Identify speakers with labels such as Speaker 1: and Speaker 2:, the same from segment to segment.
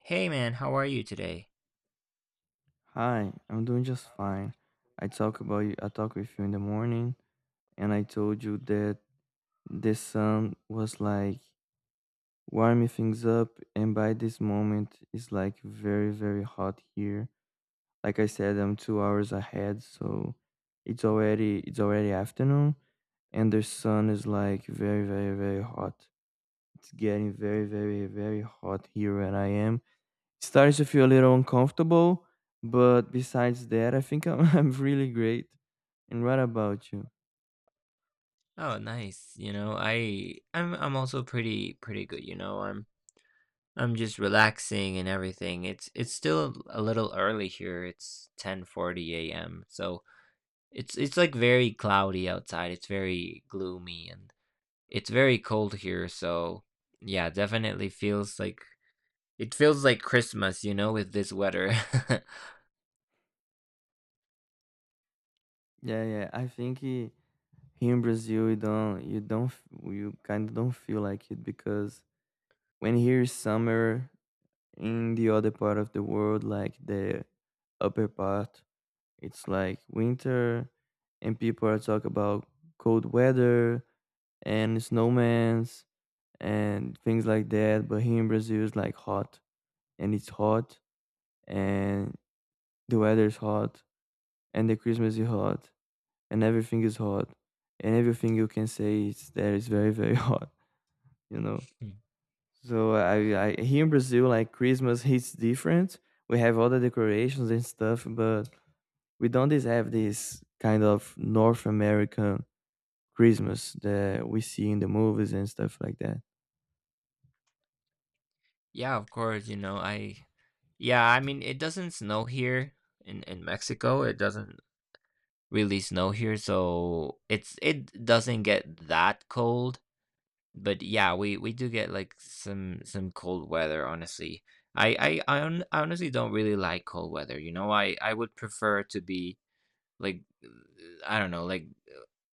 Speaker 1: Hey man, how are you today?
Speaker 2: Hi, I'm doing just fine. I talk about you, I talk with you in the morning, and I told you that the sun was like warming things up, and by this moment, it's like very, very hot here. Like I said, I'm 2 hours ahead, so it's already afternoon, and the sun is like very, very, very hot. It's getting very, very, very hot here where I am. It starts to feel a little uncomfortable, but besides that, I'm really great. And what about you?
Speaker 1: Oh, nice. You know, I'm also pretty good, you know. I'm just relaxing and everything. It's still a little early here. It's 10:40 a.m. So, it's like very cloudy outside. It's very gloomy and it's very cold here, so yeah, definitely feels like it feels like Christmas, you know, with this weather.
Speaker 2: Yeah, yeah. Here in Brazil, you kind of don't feel like it because when here is summer in the other part of the world, like the upper part, it's like winter, and people are talking about cold weather and snowmans and things like that. But here in Brazil, it's like hot, and it's hot, and the weather is hot, and the Christmas is hot, and everything is hot, and everything you can say is that is very, very hot, you know.
Speaker 1: Mm.
Speaker 2: So I here in Brazil, like Christmas hits different. We have all the decorations and stuff, but we don't just have this kind of North American Christmas that we see in the movies and stuff like that.
Speaker 1: Yeah, of course, you know, I yeah, I mean it doesn't snow here in Mexico. It doesn't really snow here, so it doesn't get that cold. But yeah, we do get like some cold weather. Honestly, I honestly don't really like cold weather. You know, I would prefer to be like I don't know, like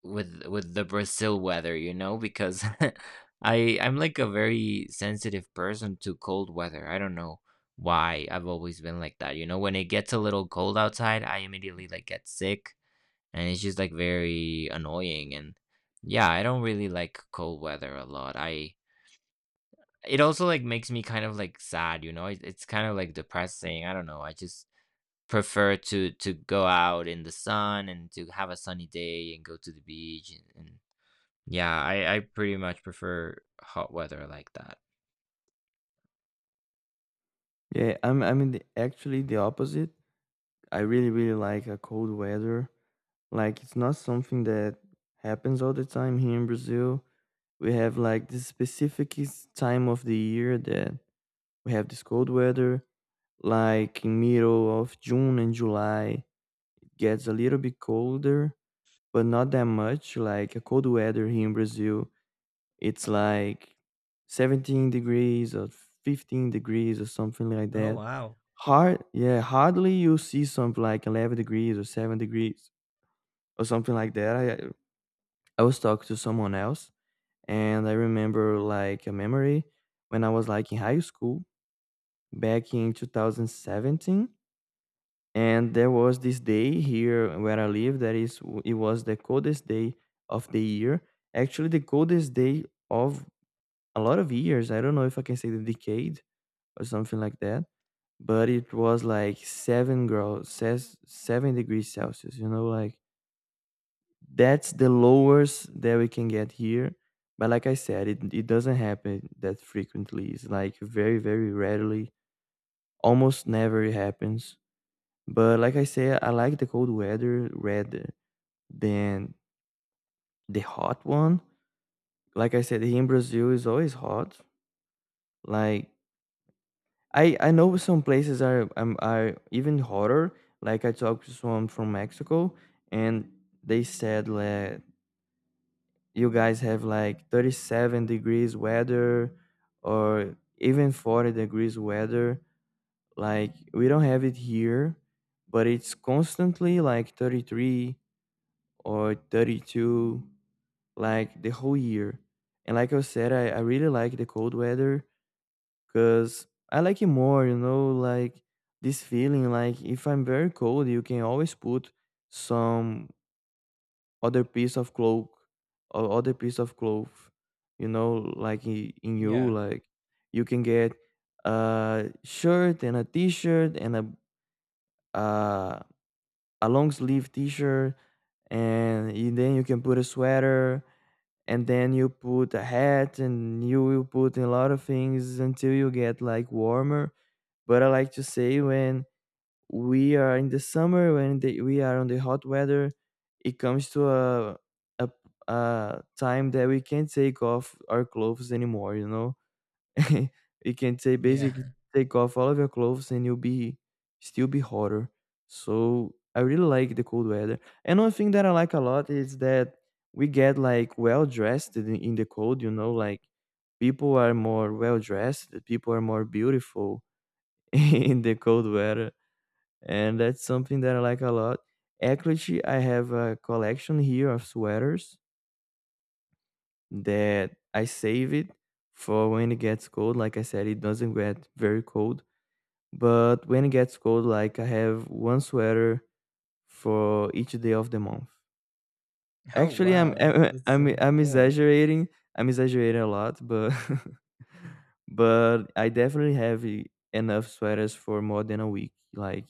Speaker 1: with the Brazil weather. You know, because I'm like a very sensitive person to cold weather. I don't know why I've always been like that. You know, when it gets a little cold outside, I immediately like get sick and it's just like very annoying and yeah, I don't really like cold weather a lot. I It also like makes me kind of like sad, you know. It's kind of like depressing. I don't know, I just prefer to go out in the sun and to have a sunny day and go to the beach, and yeah, I pretty much prefer hot weather like that.
Speaker 2: Yeah, I'm in actually the opposite. I really, really like a cold weather. Like it's not something that happens all the time here in Brazil. We have like this time of the year that we have this cold weather, like in middle of June and July. It gets a little bit colder, but not that much. Like a cold weather here in Brazil, it's like 17 degrees or 15 degrees or something like
Speaker 1: Oh
Speaker 2: that.
Speaker 1: wow.
Speaker 2: Hardly you see something like 11 degrees or 7 degrees or something like that. I was talking to someone else, and I remember like a memory when I was like in high school back in 2017, and there was this day here where I live that is it was the coldest day of the year. Actually, the coldest day of a lot of years. I don't know if I can say the decade or something like that, but it was like seven graus, says 7 degrees Celsius. You know, like, that's the lowest that we can get here. But like I said, it doesn't happen that frequently. It's like very, very rarely. Almost never it happens. But like I said, I like the cold weather rather than the hot one. Like I said, here in Brazil is always hot. Like I know some places are even hotter. Like I talked to someone from Mexico, and they said la, you guys have like 37 degrees weather or even 40 degrees weather. Like we don't have it here, but it's constantly like 33 or 32 like the whole year. And like I said, I really like the cold weather because I like it more, you know. Like this feeling, like if I'm very cold, you can always put some other piece of cloak or other piece of cloth, you know, like in you
Speaker 1: Yeah.
Speaker 2: like. You can get a shirt and a t-shirt and uh, a long sleeve t-shirt and then you can put a sweater, and then you put a hat, and you will put a lot of things until you get like warmer. But I like to say, when we are in the summer, when we are on the hot weather, it comes to a a time that we can't take off our clothes anymore, you know. You can say
Speaker 1: Yeah.
Speaker 2: basically take off all of your clothes and you'll be still be hotter. So I really like the cold weather. And one thing that I like a lot is that we get like well dressed in the cold, you know. Like people are more well dressed, people are more beautiful in the cold weather, and that's something that I like a lot. Actually, I have a collection here of sweaters that I save it for when it gets cold. Like I said, it doesn't get very cold, but when it gets cold, like I have one sweater for each day of the month.
Speaker 1: Oh
Speaker 2: Actually, I'm
Speaker 1: wow. That's
Speaker 2: I'm
Speaker 1: that's
Speaker 2: I'm,
Speaker 1: so
Speaker 2: I'm
Speaker 1: cool.
Speaker 2: exaggerating. I'm exaggerating a lot, but but I definitely have enough sweaters for more than a week. Like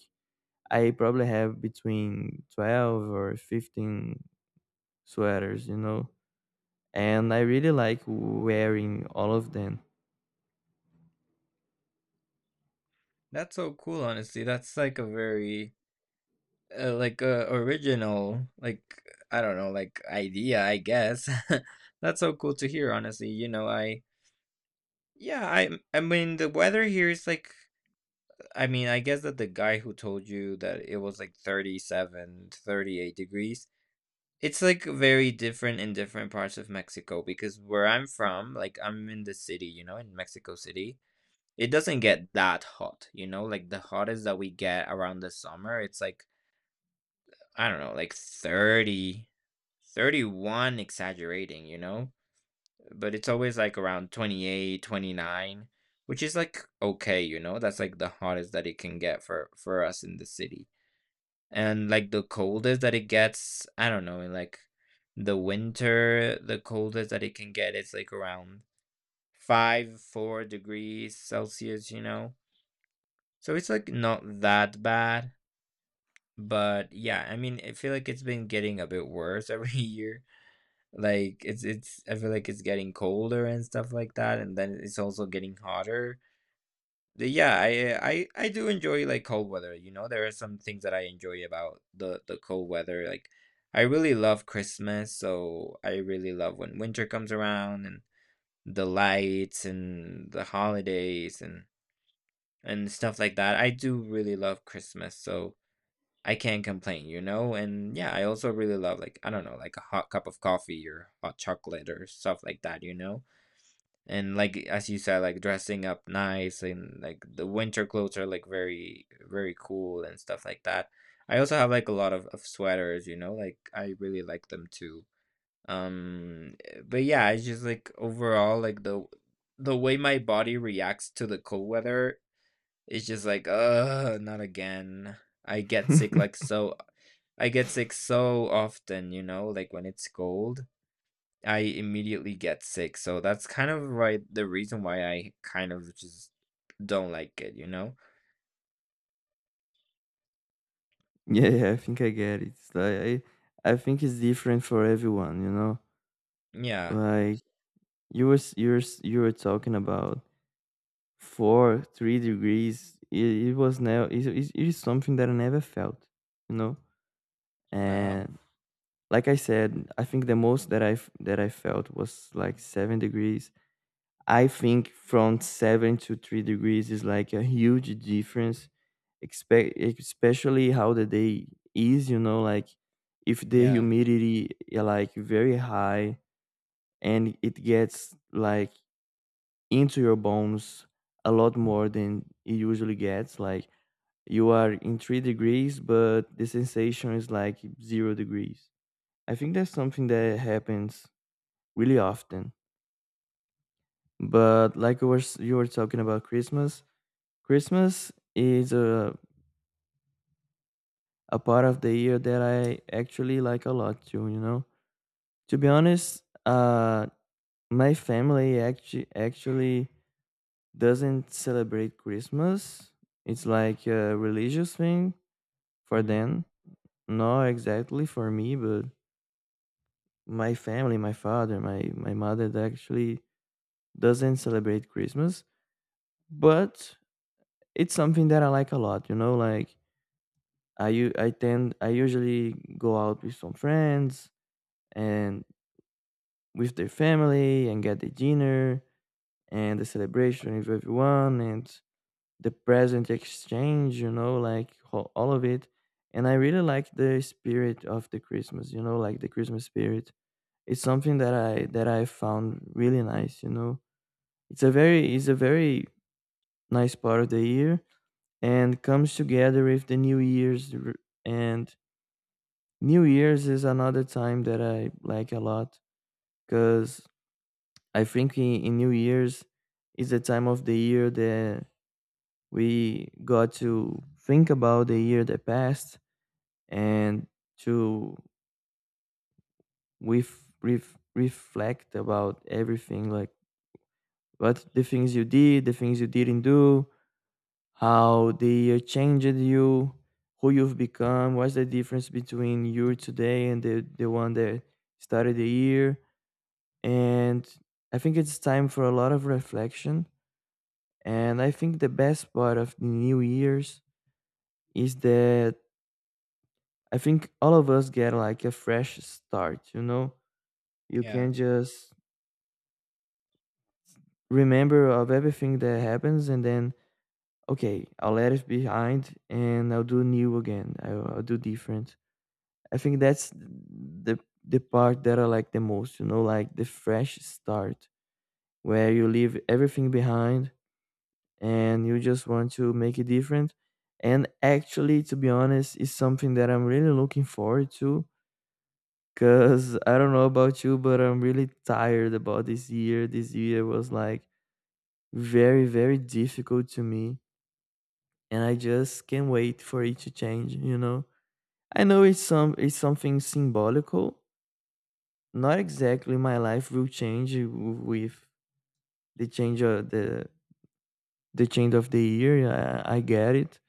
Speaker 2: I probably have between 12 or 15 sweaters, you know. And I really like wearing all of them.
Speaker 1: That's so cool, honestly. That's like a very like original like I don't know, like idea, I guess. That's so cool to hear, honestly. You know, I yeah, I mean the weather here is like I mean, I guess that the guy who told you that it was like 37, 38 degrees. It's like very different in different parts of Mexico because where I'm from, like I'm in the city, you know, in Mexico City. It doesn't get that hot, you know, like, the hottest that we get around the summer, it's like, I don't know, like 30, 31. Exaggerating, you know? But it's always, like, around 28, 29, which is, like, okay, you know? That's, like, the hottest that it can get for us in the city. And, like, the coldest that it gets, I don't know, in, like, the winter, the coldest that it can get is, like, around 5, 4 degrees Celsius, you know? So it's like not that bad, but yeah, I mean, I feel like it's been getting a bit worse every year. Like it's I feel like it's getting colder and stuff like that, and then it's also getting hotter. Yeah, I do enjoy like cold weather, you know. There are some things that I enjoy about the cold weather. Like I really love Christmas, so I really love when winter comes around and the lights and the holidays and stuff like that. I do really love Christmas, so I can't complain, you know? And yeah, I also really love like I don't know, like a hot cup of coffee or hot chocolate or stuff like that, you know? And like as you said, like dressing up nice and like the winter clothes are like very very cool and stuff like that. I also have like a lot of sweaters, you know, like I really like them too. Um but yeah, it's just like overall like the way my body reacts to the cold weather is just like, not again. I get sick like, so I get sick so often, you know, like when it's cold, I immediately get sick. So that's kind of right the reason why I kind of just don't like it, you know?
Speaker 2: Yeah, I think I get it. It's like I think it's different for everyone, you know.
Speaker 1: Yeah.
Speaker 2: Like you were talking about 4, 3 degrees. It was now it is something that I never felt, you know.
Speaker 1: Wow.
Speaker 2: And like I said, I think the most that that I felt was like 7 degrees. I think from 7 to 3 degrees is like a huge difference, expect especially how the day is. You know, like if the
Speaker 1: Yeah.
Speaker 2: humidity like very high, and it gets like into your bones a lot more than it usually gets. Like you are in 3 degrees, but the sensation is like 0 degrees. I think that's something that happens really often. But like you were talking about Christmas. Christmas is a part of the year that I actually like a lot too, you know. To be honest, my family actually doesn't celebrate Christmas. It's like a religious thing for
Speaker 1: Mm.
Speaker 2: them. Not exactly for me, but my family, my father, my mother, they actually doesn't celebrate Christmas, but it's something that I like a lot, you know. Like I u- I tend I usually go out with some friends and with their family and get the dinner and the celebration with everyone and the present exchange, you know, like all of it. And I really like the spirit of the Christmas, you know, like the Christmas spirit. It's something that I found really nice, you know. It's a very nice part of the year, and comes together with the and New Year's is another time that I like a lot, because I think in New Year's is the time of the year that we got to think about the year that passed, and to reflect about everything, like what the things you did, the things you didn't do, how the year changed you, who you've become, what's the difference between you today and the one that started the year. And I think it's time for a lot of reflection. And I think the best part of the New Year's is that I think all of us get like a fresh start, you know? You
Speaker 1: Yeah.
Speaker 2: can just remember of everything that happens, and then, okay, I'll let it behind and I'll do new again. I'll do different. I think that's the part that I like the most, you know, like the fresh start where you leave everything behind and you just want to make it different. And actually, to be honest, is something that I'm really looking forward to. Cause I don't know about you, but I'm really tired about this year. This year was like very, very difficult to me, and I just can't wait for it to change. You know, I know it's something symbolical. Not exactly my life will change with the change of the change of the year. I get it,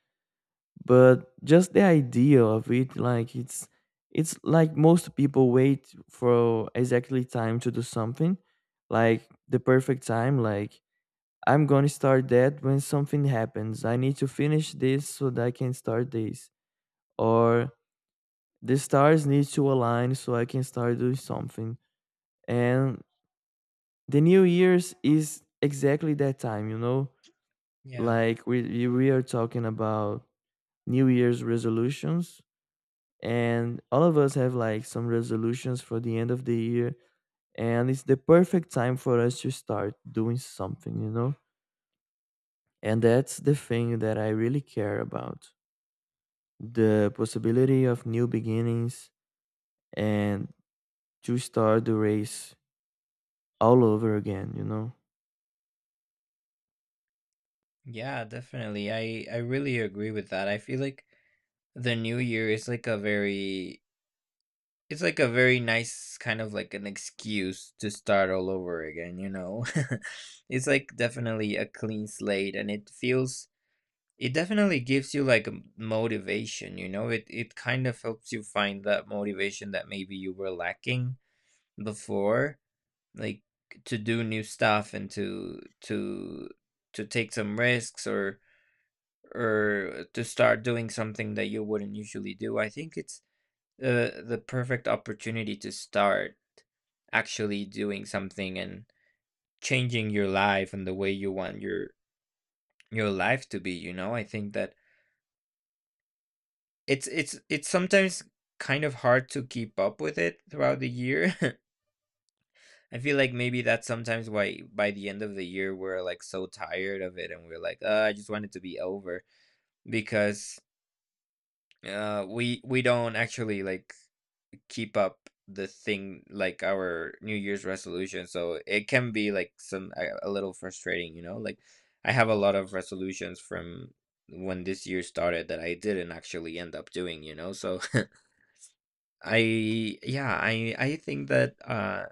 Speaker 2: but just the idea of it, like it's like most people wait for exactly time to do something, like the perfect time, like I'm gonna start that when something happens. I need to finish this so that I can start this, or the stars need to align so I can start doing something. And the new year's is exactly that time, you know.
Speaker 1: Yeah.
Speaker 2: Like we are talking about new year's resolutions, and all of us have like some resolutions for the end of the year, and it's the perfect time for us to start doing something, you know. And that's the thing that I really care about: the possibility of new beginnings, and to start the race all over again, you know.
Speaker 1: Yeah, definitely. I really agree with that. I feel like the new year is like a very it's like a very nice kind of like an excuse to start all over again, you know? It's like definitely a clean slate and it definitely gives you like m- motivation, you know? It kind of helps you find that motivation that maybe you were lacking before, like to do new stuff and to take some risks or to start doing something that you wouldn't usually do. I think it's the perfect opportunity to start actually doing something and changing your life and the way you want your life to be, you know? I think that it's sometimes kind of hard to keep up with it throughout the year. I feel like maybe that's sometimes why by the end of the year we're like so tired of it and we're like, I just want it to be over," because we don't actually like keep up the thing like our New Year's resolution. So it can be like some, a little frustrating, you know? Like I have a lot of resolutions from when this year started that I didn't actually end up doing, you know? So I yeah, I think that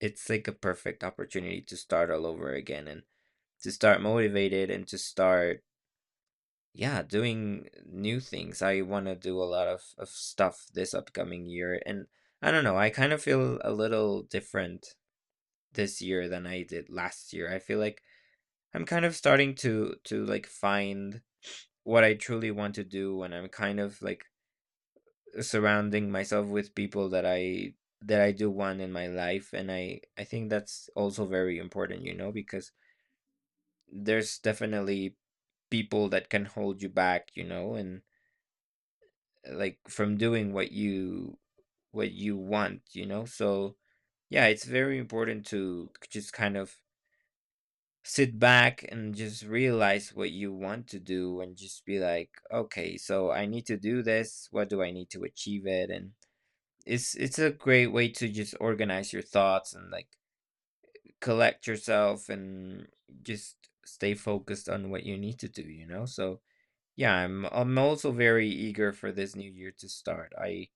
Speaker 1: it's like a perfect opportunity to start all over again and to start motivated and to start yeah, doing new things. I want to do a lot of stuff this upcoming year and I don't know, I kind of feel a little different this year than I did last year. I feel like I'm kind of starting to like find what I truly want to do and I'm kind of like surrounding myself with people that I do want in my life and I think that's also very important, you know, because there's definitely people that can hold you back, you know, and like from doing what you want, you know. So, yeah, it's very important to just kind of sit back and just realize what you want to do and just be like, okay, so I need to do this. What do I need to achieve it? And it's a great way to just organize your thoughts and like collect yourself and just stay focused on what you need to do, you know. So yeah, I'm also very eager for this new year to start. I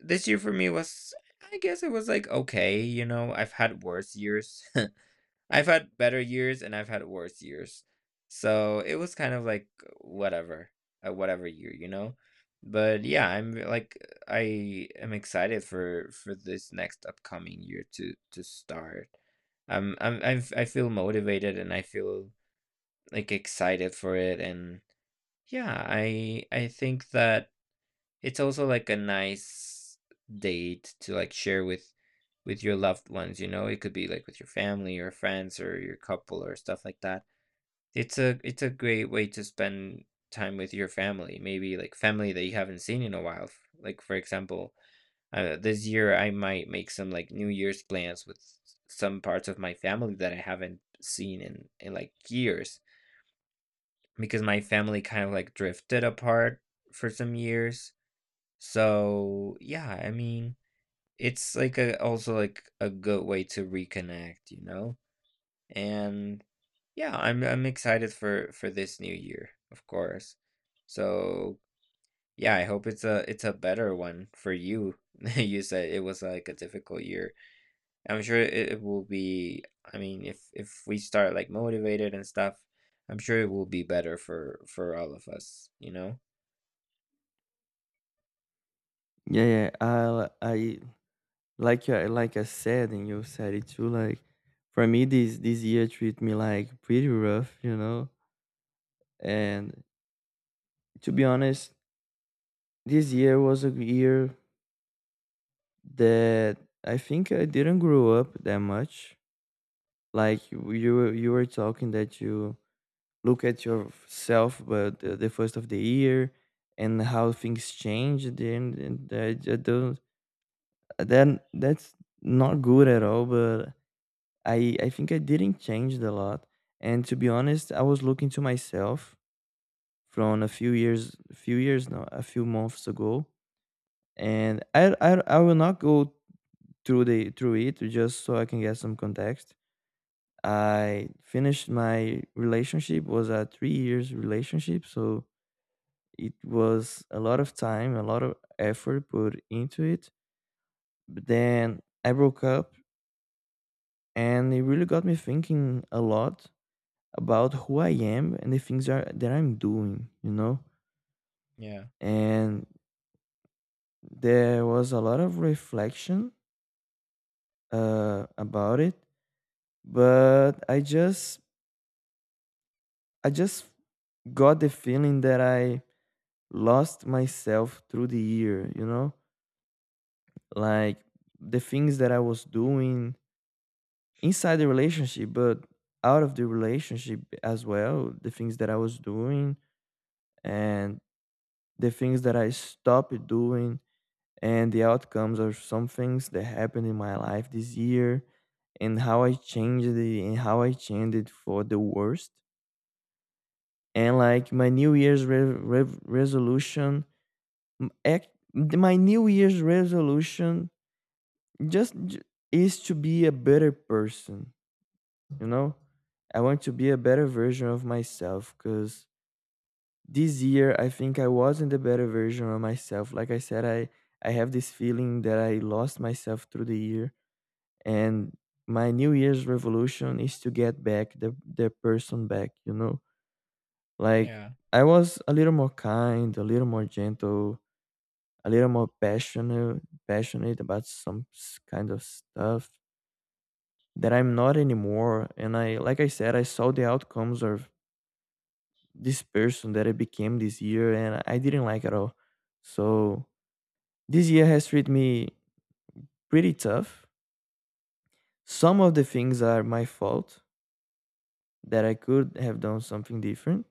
Speaker 1: This year for me was, I guess it was like okay, you know. I've had worse years. I've had better years and I've had worse years. So it was kind of like whatever, whatever year, you know? But yeah, I'm like I am excited for this next upcoming year to start. I feel motivated and I feel like excited for it and yeah, I think that it's also like a nice date to like share with your loved ones, you know? It could be like with your family or friends or your couple or stuff like that. It's a great way to spend time with your family, maybe like family that you haven't seen in a while. Like for example, this year I might make some like New Year's plans with some parts of my family that I haven't seen in like years because my family kind of like drifted apart for some years, so, yeah, I mean, it's like a also like a good way to reconnect, you know? And yeah, I'm excited for this new year, of course. So, yeah, I hope it's a better one for you. You said it was like a difficult year. I'm sure it will be, I mean, if we start like motivated and stuff, I'm sure it will be better for all of us, you know?
Speaker 2: Yeah, yeah. I like, I like I said, and you said it too, like for me this year treat me like pretty rough, you know. And to be honest, this year was a year that I think I didn't grow up that much. Like you were talking that you look at yourself but the first of the year and how things change then, and I don't, then that's not good at all. But I think I didn't change a lot. And to be honest, I was looking to myself from a few months ago. And I will not go through it just so I can get some context. I finished my relationship, was a 3 years relationship, so it was a lot of time, a lot of effort put into it. But then I broke up, and it really got me thinking a lot about who I am and the things that I'm doing, you know?
Speaker 1: Yeah.
Speaker 2: And there was a lot of reflection about it, but I just got the feeling that I lost myself through the year, you know? Like the things that I was doing inside the relationship, but out of the relationship as well, the things that I was doing, and the things that I stopped doing, and the outcomes of some things that happened in my life this year, and how I changed it, and how I changed it for the worst. And like my New Year's re- re- resolution M- ac- my new year's resolution just j- is to be a better person you know I want to be a better version of myself, because this year I think I wasn't the better version of myself. Like I said, I have this feeling that I lost myself through the year. And my new year's revolution is to get back the person back, you know? Like,
Speaker 1: Yeah.
Speaker 2: I was a little more kind, a little more gentle, a little more passionate about some kind of stuff that I'm not anymore. And I, like I said, I saw the outcomes of this person that I became this year, and I didn't like at all. So this year has treated me pretty tough. Some of the things are my fault, that I could have done something different.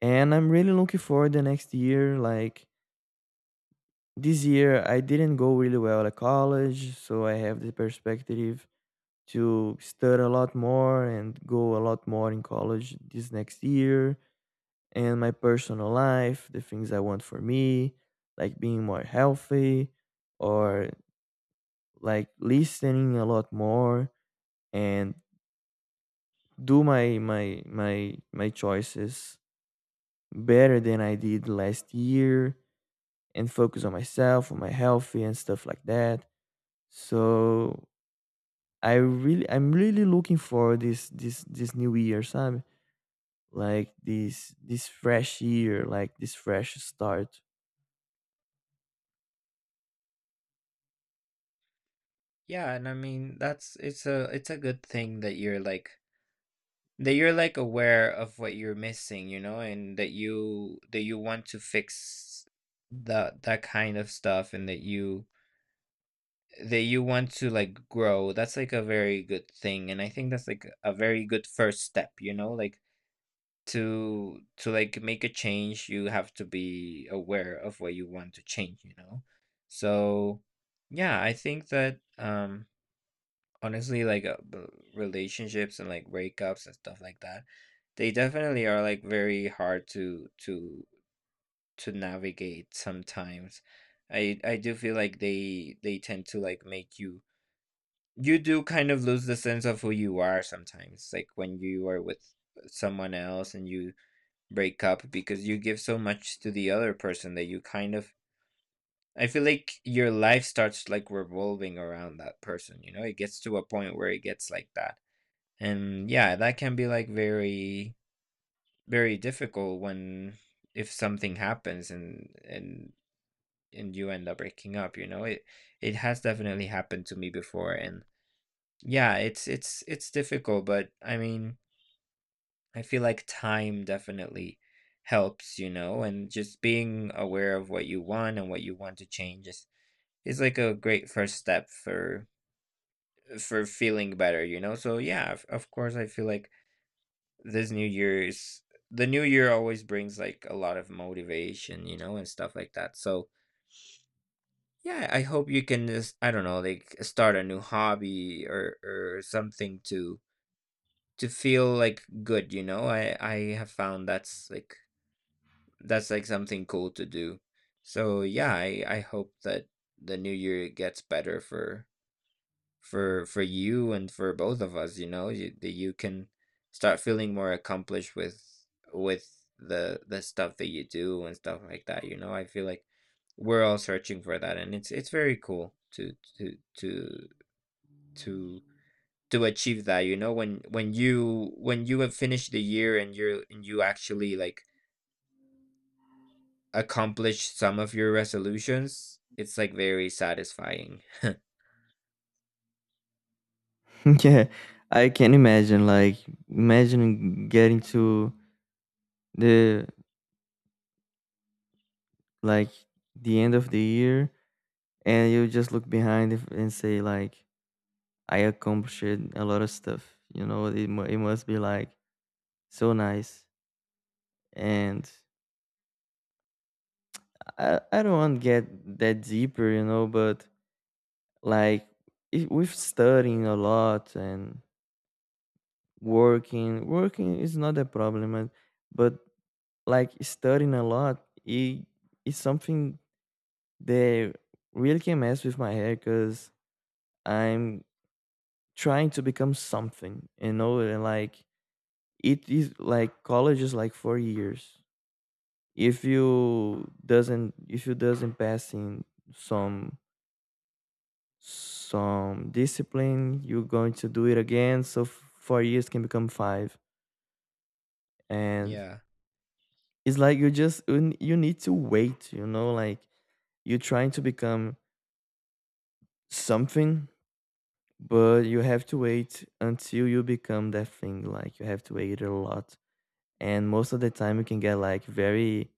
Speaker 2: And I'm really looking forward the next year. Like, this year I didn't go really well at college, so I have the perspective to study a lot more and go a lot more in college this next year. And my personal life, the things I want for me, like being more healthy, or like listening a lot more, and do my choices better than I did last year, and focus on myself, on my healthy and stuff like that. So I'm really looking for this new year, sabe? Like this fresh year, like this fresh start.
Speaker 1: Yeah, and I mean that's it's a good thing that you're like aware of what you're missing, you know, and that you want to fix that kind of stuff and that you want to like grow. That's like a very good thing and I think that's like a very good first step, you know, like to like make a change, you have to be aware of what you want to change, you know. So, yeah, I think that honestly relationships and like breakups and stuff like that they definitely are like very hard to navigate sometimes. I do feel like they tend to like make you do kind of lose the sense of who you are sometimes, like when you are with someone else and you break up because you give so much to the other person that you kind of, I feel like your life starts like revolving around that person, you know, it gets to a point where it gets like that. And yeah, that can be like very, very difficult when, if something happens and you end up breaking up, you know, it has definitely happened to me before. And yeah, it's difficult, but I mean, I feel like time definitely helps, you know, and just being aware of what you want and what you want to change is like a great first step for feeling better, you know. So yeah, of course I feel like this new year's the new year always brings like a lot of motivation, you know, and stuff like that. So yeah, I hope you can just, I don't know, like start a new hobby or something to feel like good, you know. I have found that's like something cool to do. So yeah, I hope that the new year gets better for for you and for both of us, you know, that you can start feeling more accomplished with the stuff that you do and stuff like that, you know. I feel like we're all searching for that, and it's very cool to to to to achieve that, you know, when when you have finished the year and you're, and you actually like accomplish some of your resolutions, it's like very satisfying.
Speaker 2: Yeah, I can imagine. Like, imagine getting to the, like, the end of the year, and you just look behind and say like, I accomplished a lot of stuff. You know, it must be like so nice. And I don't want to get that deeper, you know, but like, if, with studying a lot, and working is not a problem, and, but like studying a lot, it is something that really can mess with my head, because I'm trying to become something, you know? And like, it is like college is like 4 years. If you doesn't pass in some some discipline, you're going to do it again. So 4 years can become five. And
Speaker 1: Yeah.
Speaker 2: it's like, you need to wait, you know? Like, you're trying to become something, but you have to wait until you become that thing. Like, you have to wait a lot. And most of the time you can get like very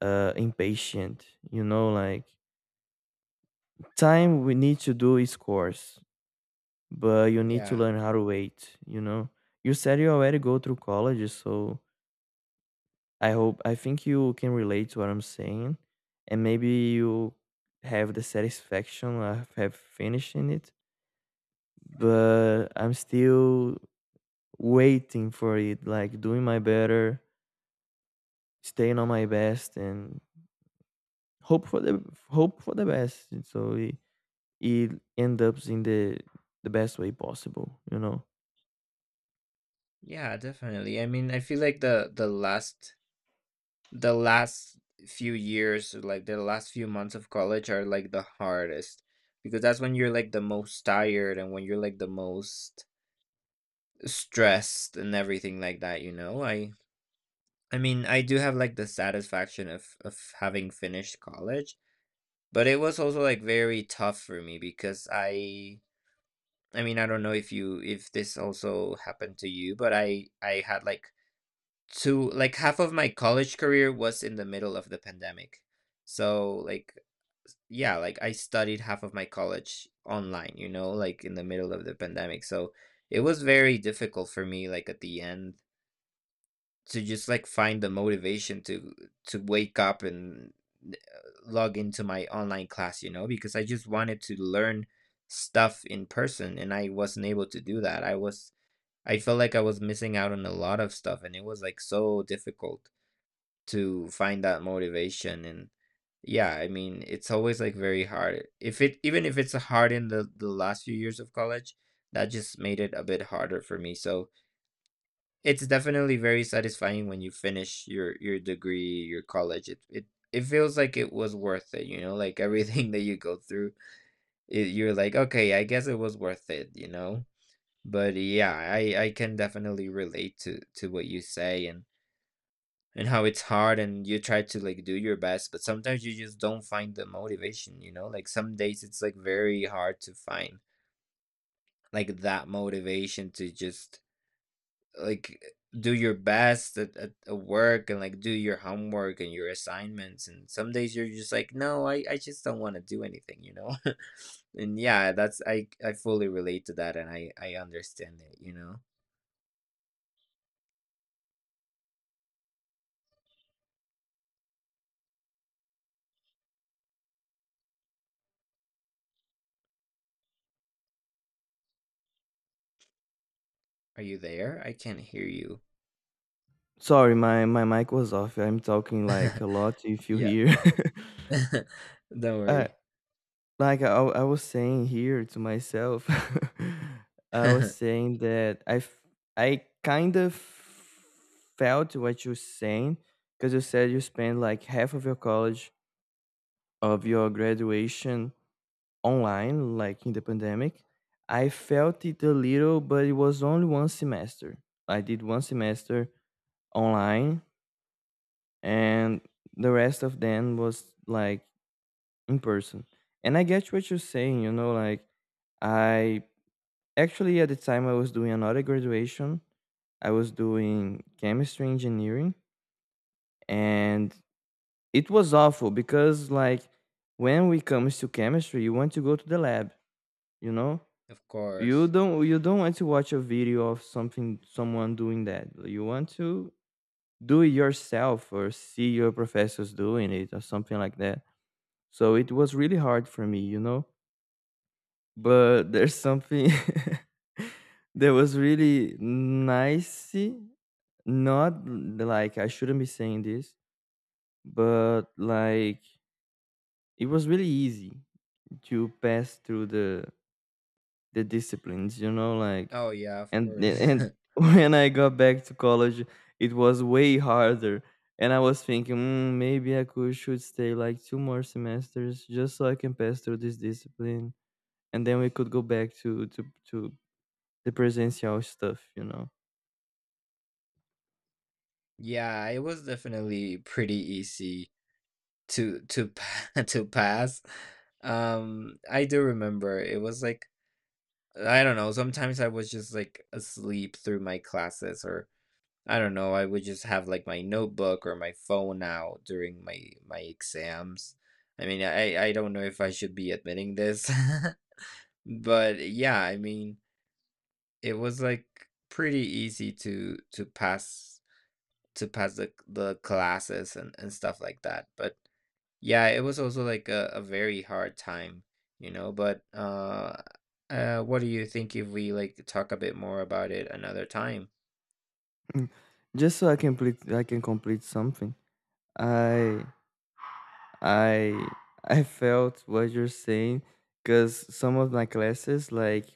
Speaker 2: impatient, you know? Like, time we need to do is course, but you need to
Speaker 1: Yeah.
Speaker 2: learn how to wait, you know. You said you already go through college, so I hope, I think you can relate to what I'm saying, and maybe you have the satisfaction of have finishing it. But I'm still waiting for it, like doing my better, staying on my best, and hope for the hope for the best. And so it ends up in the best way possible, you know.
Speaker 1: Yeah, definitely. I mean, I feel like the last few years, like the last few months of college are like the hardest, because that's when you're like the most tired and when you're like the most stressed and everything like that, you know? I mean, I do have like the satisfaction of having finished college, but it was also like very tough for me because I mean, I don't know if you, if this also happened to you, but I had like two like half of my college career was in the middle of the pandemic. So like yeah, like I studied half of my college online, you know, like in the middle of the pandemic. So it was very difficult for me, like at the end, to just like find the motivation to wake up and uh, log into my online class, you know, because I just wanted to learn stuff in person and I wasn't able to do that. I was, I felt like I was missing out on a lot of stuff, and it was like so difficult to find that motivation. And yeah, I mean, it's always like very hard, if it, even if it's hard in the last few years of college, that just made it a bit harder for me. So it's definitely very satisfying when you finish your degree, your college. It feels like it was worth it, you know, like everything that you go through, it, you're like, okay, I guess it was worth it, you know. But yeah, I can definitely relate to what you say, and how it's hard, and you try to like do your best, but sometimes you just don't find the motivation, you know. Like some days it's like very hard to find like that motivation to just like do your best at work and like do your homework and your assignments, and some days you're just like, no, I just don't want to do anything, you know. And yeah, that's, I fully relate to that, and I understand it, you know. Are you there? I can't hear you.
Speaker 2: Sorry, my mic was off. I'm talking like a lot, if you
Speaker 1: Yeah.
Speaker 2: hear.
Speaker 1: Don't
Speaker 2: I
Speaker 1: worry.
Speaker 2: Like, I was saying here to myself, I was
Speaker 1: Of
Speaker 2: saying that I kind of felt what you're saying, because you said you spend like half of your college, of your graduation online, like in the pandemic. I felt it a little, but it was only one semester. I did one semester online, and the rest of them was like in person. And I get what you're saying, you know, like, I actually, at the time I was doing another graduation. I was doing chemistry engineering, and it was awful because, like, when we comes to chemistry, you want to go to the lab, you know? You
Speaker 1: course.
Speaker 2: don't you don't want to watch a video of something, someone doing that. You want to do it yourself, or see your professors doing it, or something like that. So it was really hard for me, you know? But there's something that was really nice. Not like I shouldn't be saying this, but like, it was really easy to pass through the disciplines, you know, like,
Speaker 1: Oh yeah, of
Speaker 2: and
Speaker 1: course.
Speaker 2: and when I got back to college, it was way harder. And I was thinking, maybe I could should stay like two more semesters just so I can pass through this discipline, and then we could go back to to the presential stuff, you know.
Speaker 1: Yeah, it was definitely pretty easy to pass. I do remember it was like, I don't know, sometimes I was just, like, asleep through my classes, or I don't know, I would just have, like, my notebook or my phone out during my my exams. I mean, I don't know if I should be admitting this, but yeah, I mean, it was, like, pretty easy to pass the classes and stuff like that. But yeah, it was also like a very hard time, you know, but what do you think if we like talk a bit more about it another time?
Speaker 2: Mm. Just so I can complete something. I I I felt what you're saying, because some of my classes, like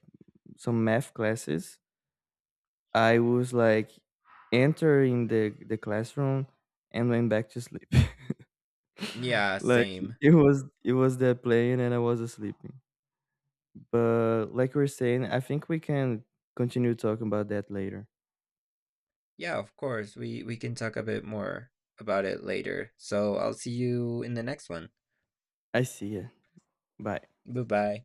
Speaker 2: some math classes, I was like entering the classroom and went back to sleep.
Speaker 1: Yeah,
Speaker 2: Like,
Speaker 1: same.
Speaker 2: it was that playing and I was sleeping. But like we're saying, I think we can continue talking about that later.
Speaker 1: Yeah, of course. We can talk a bit more about it later. So I'll see you in the next one.
Speaker 2: I see ya. Bye.
Speaker 1: Bye-bye.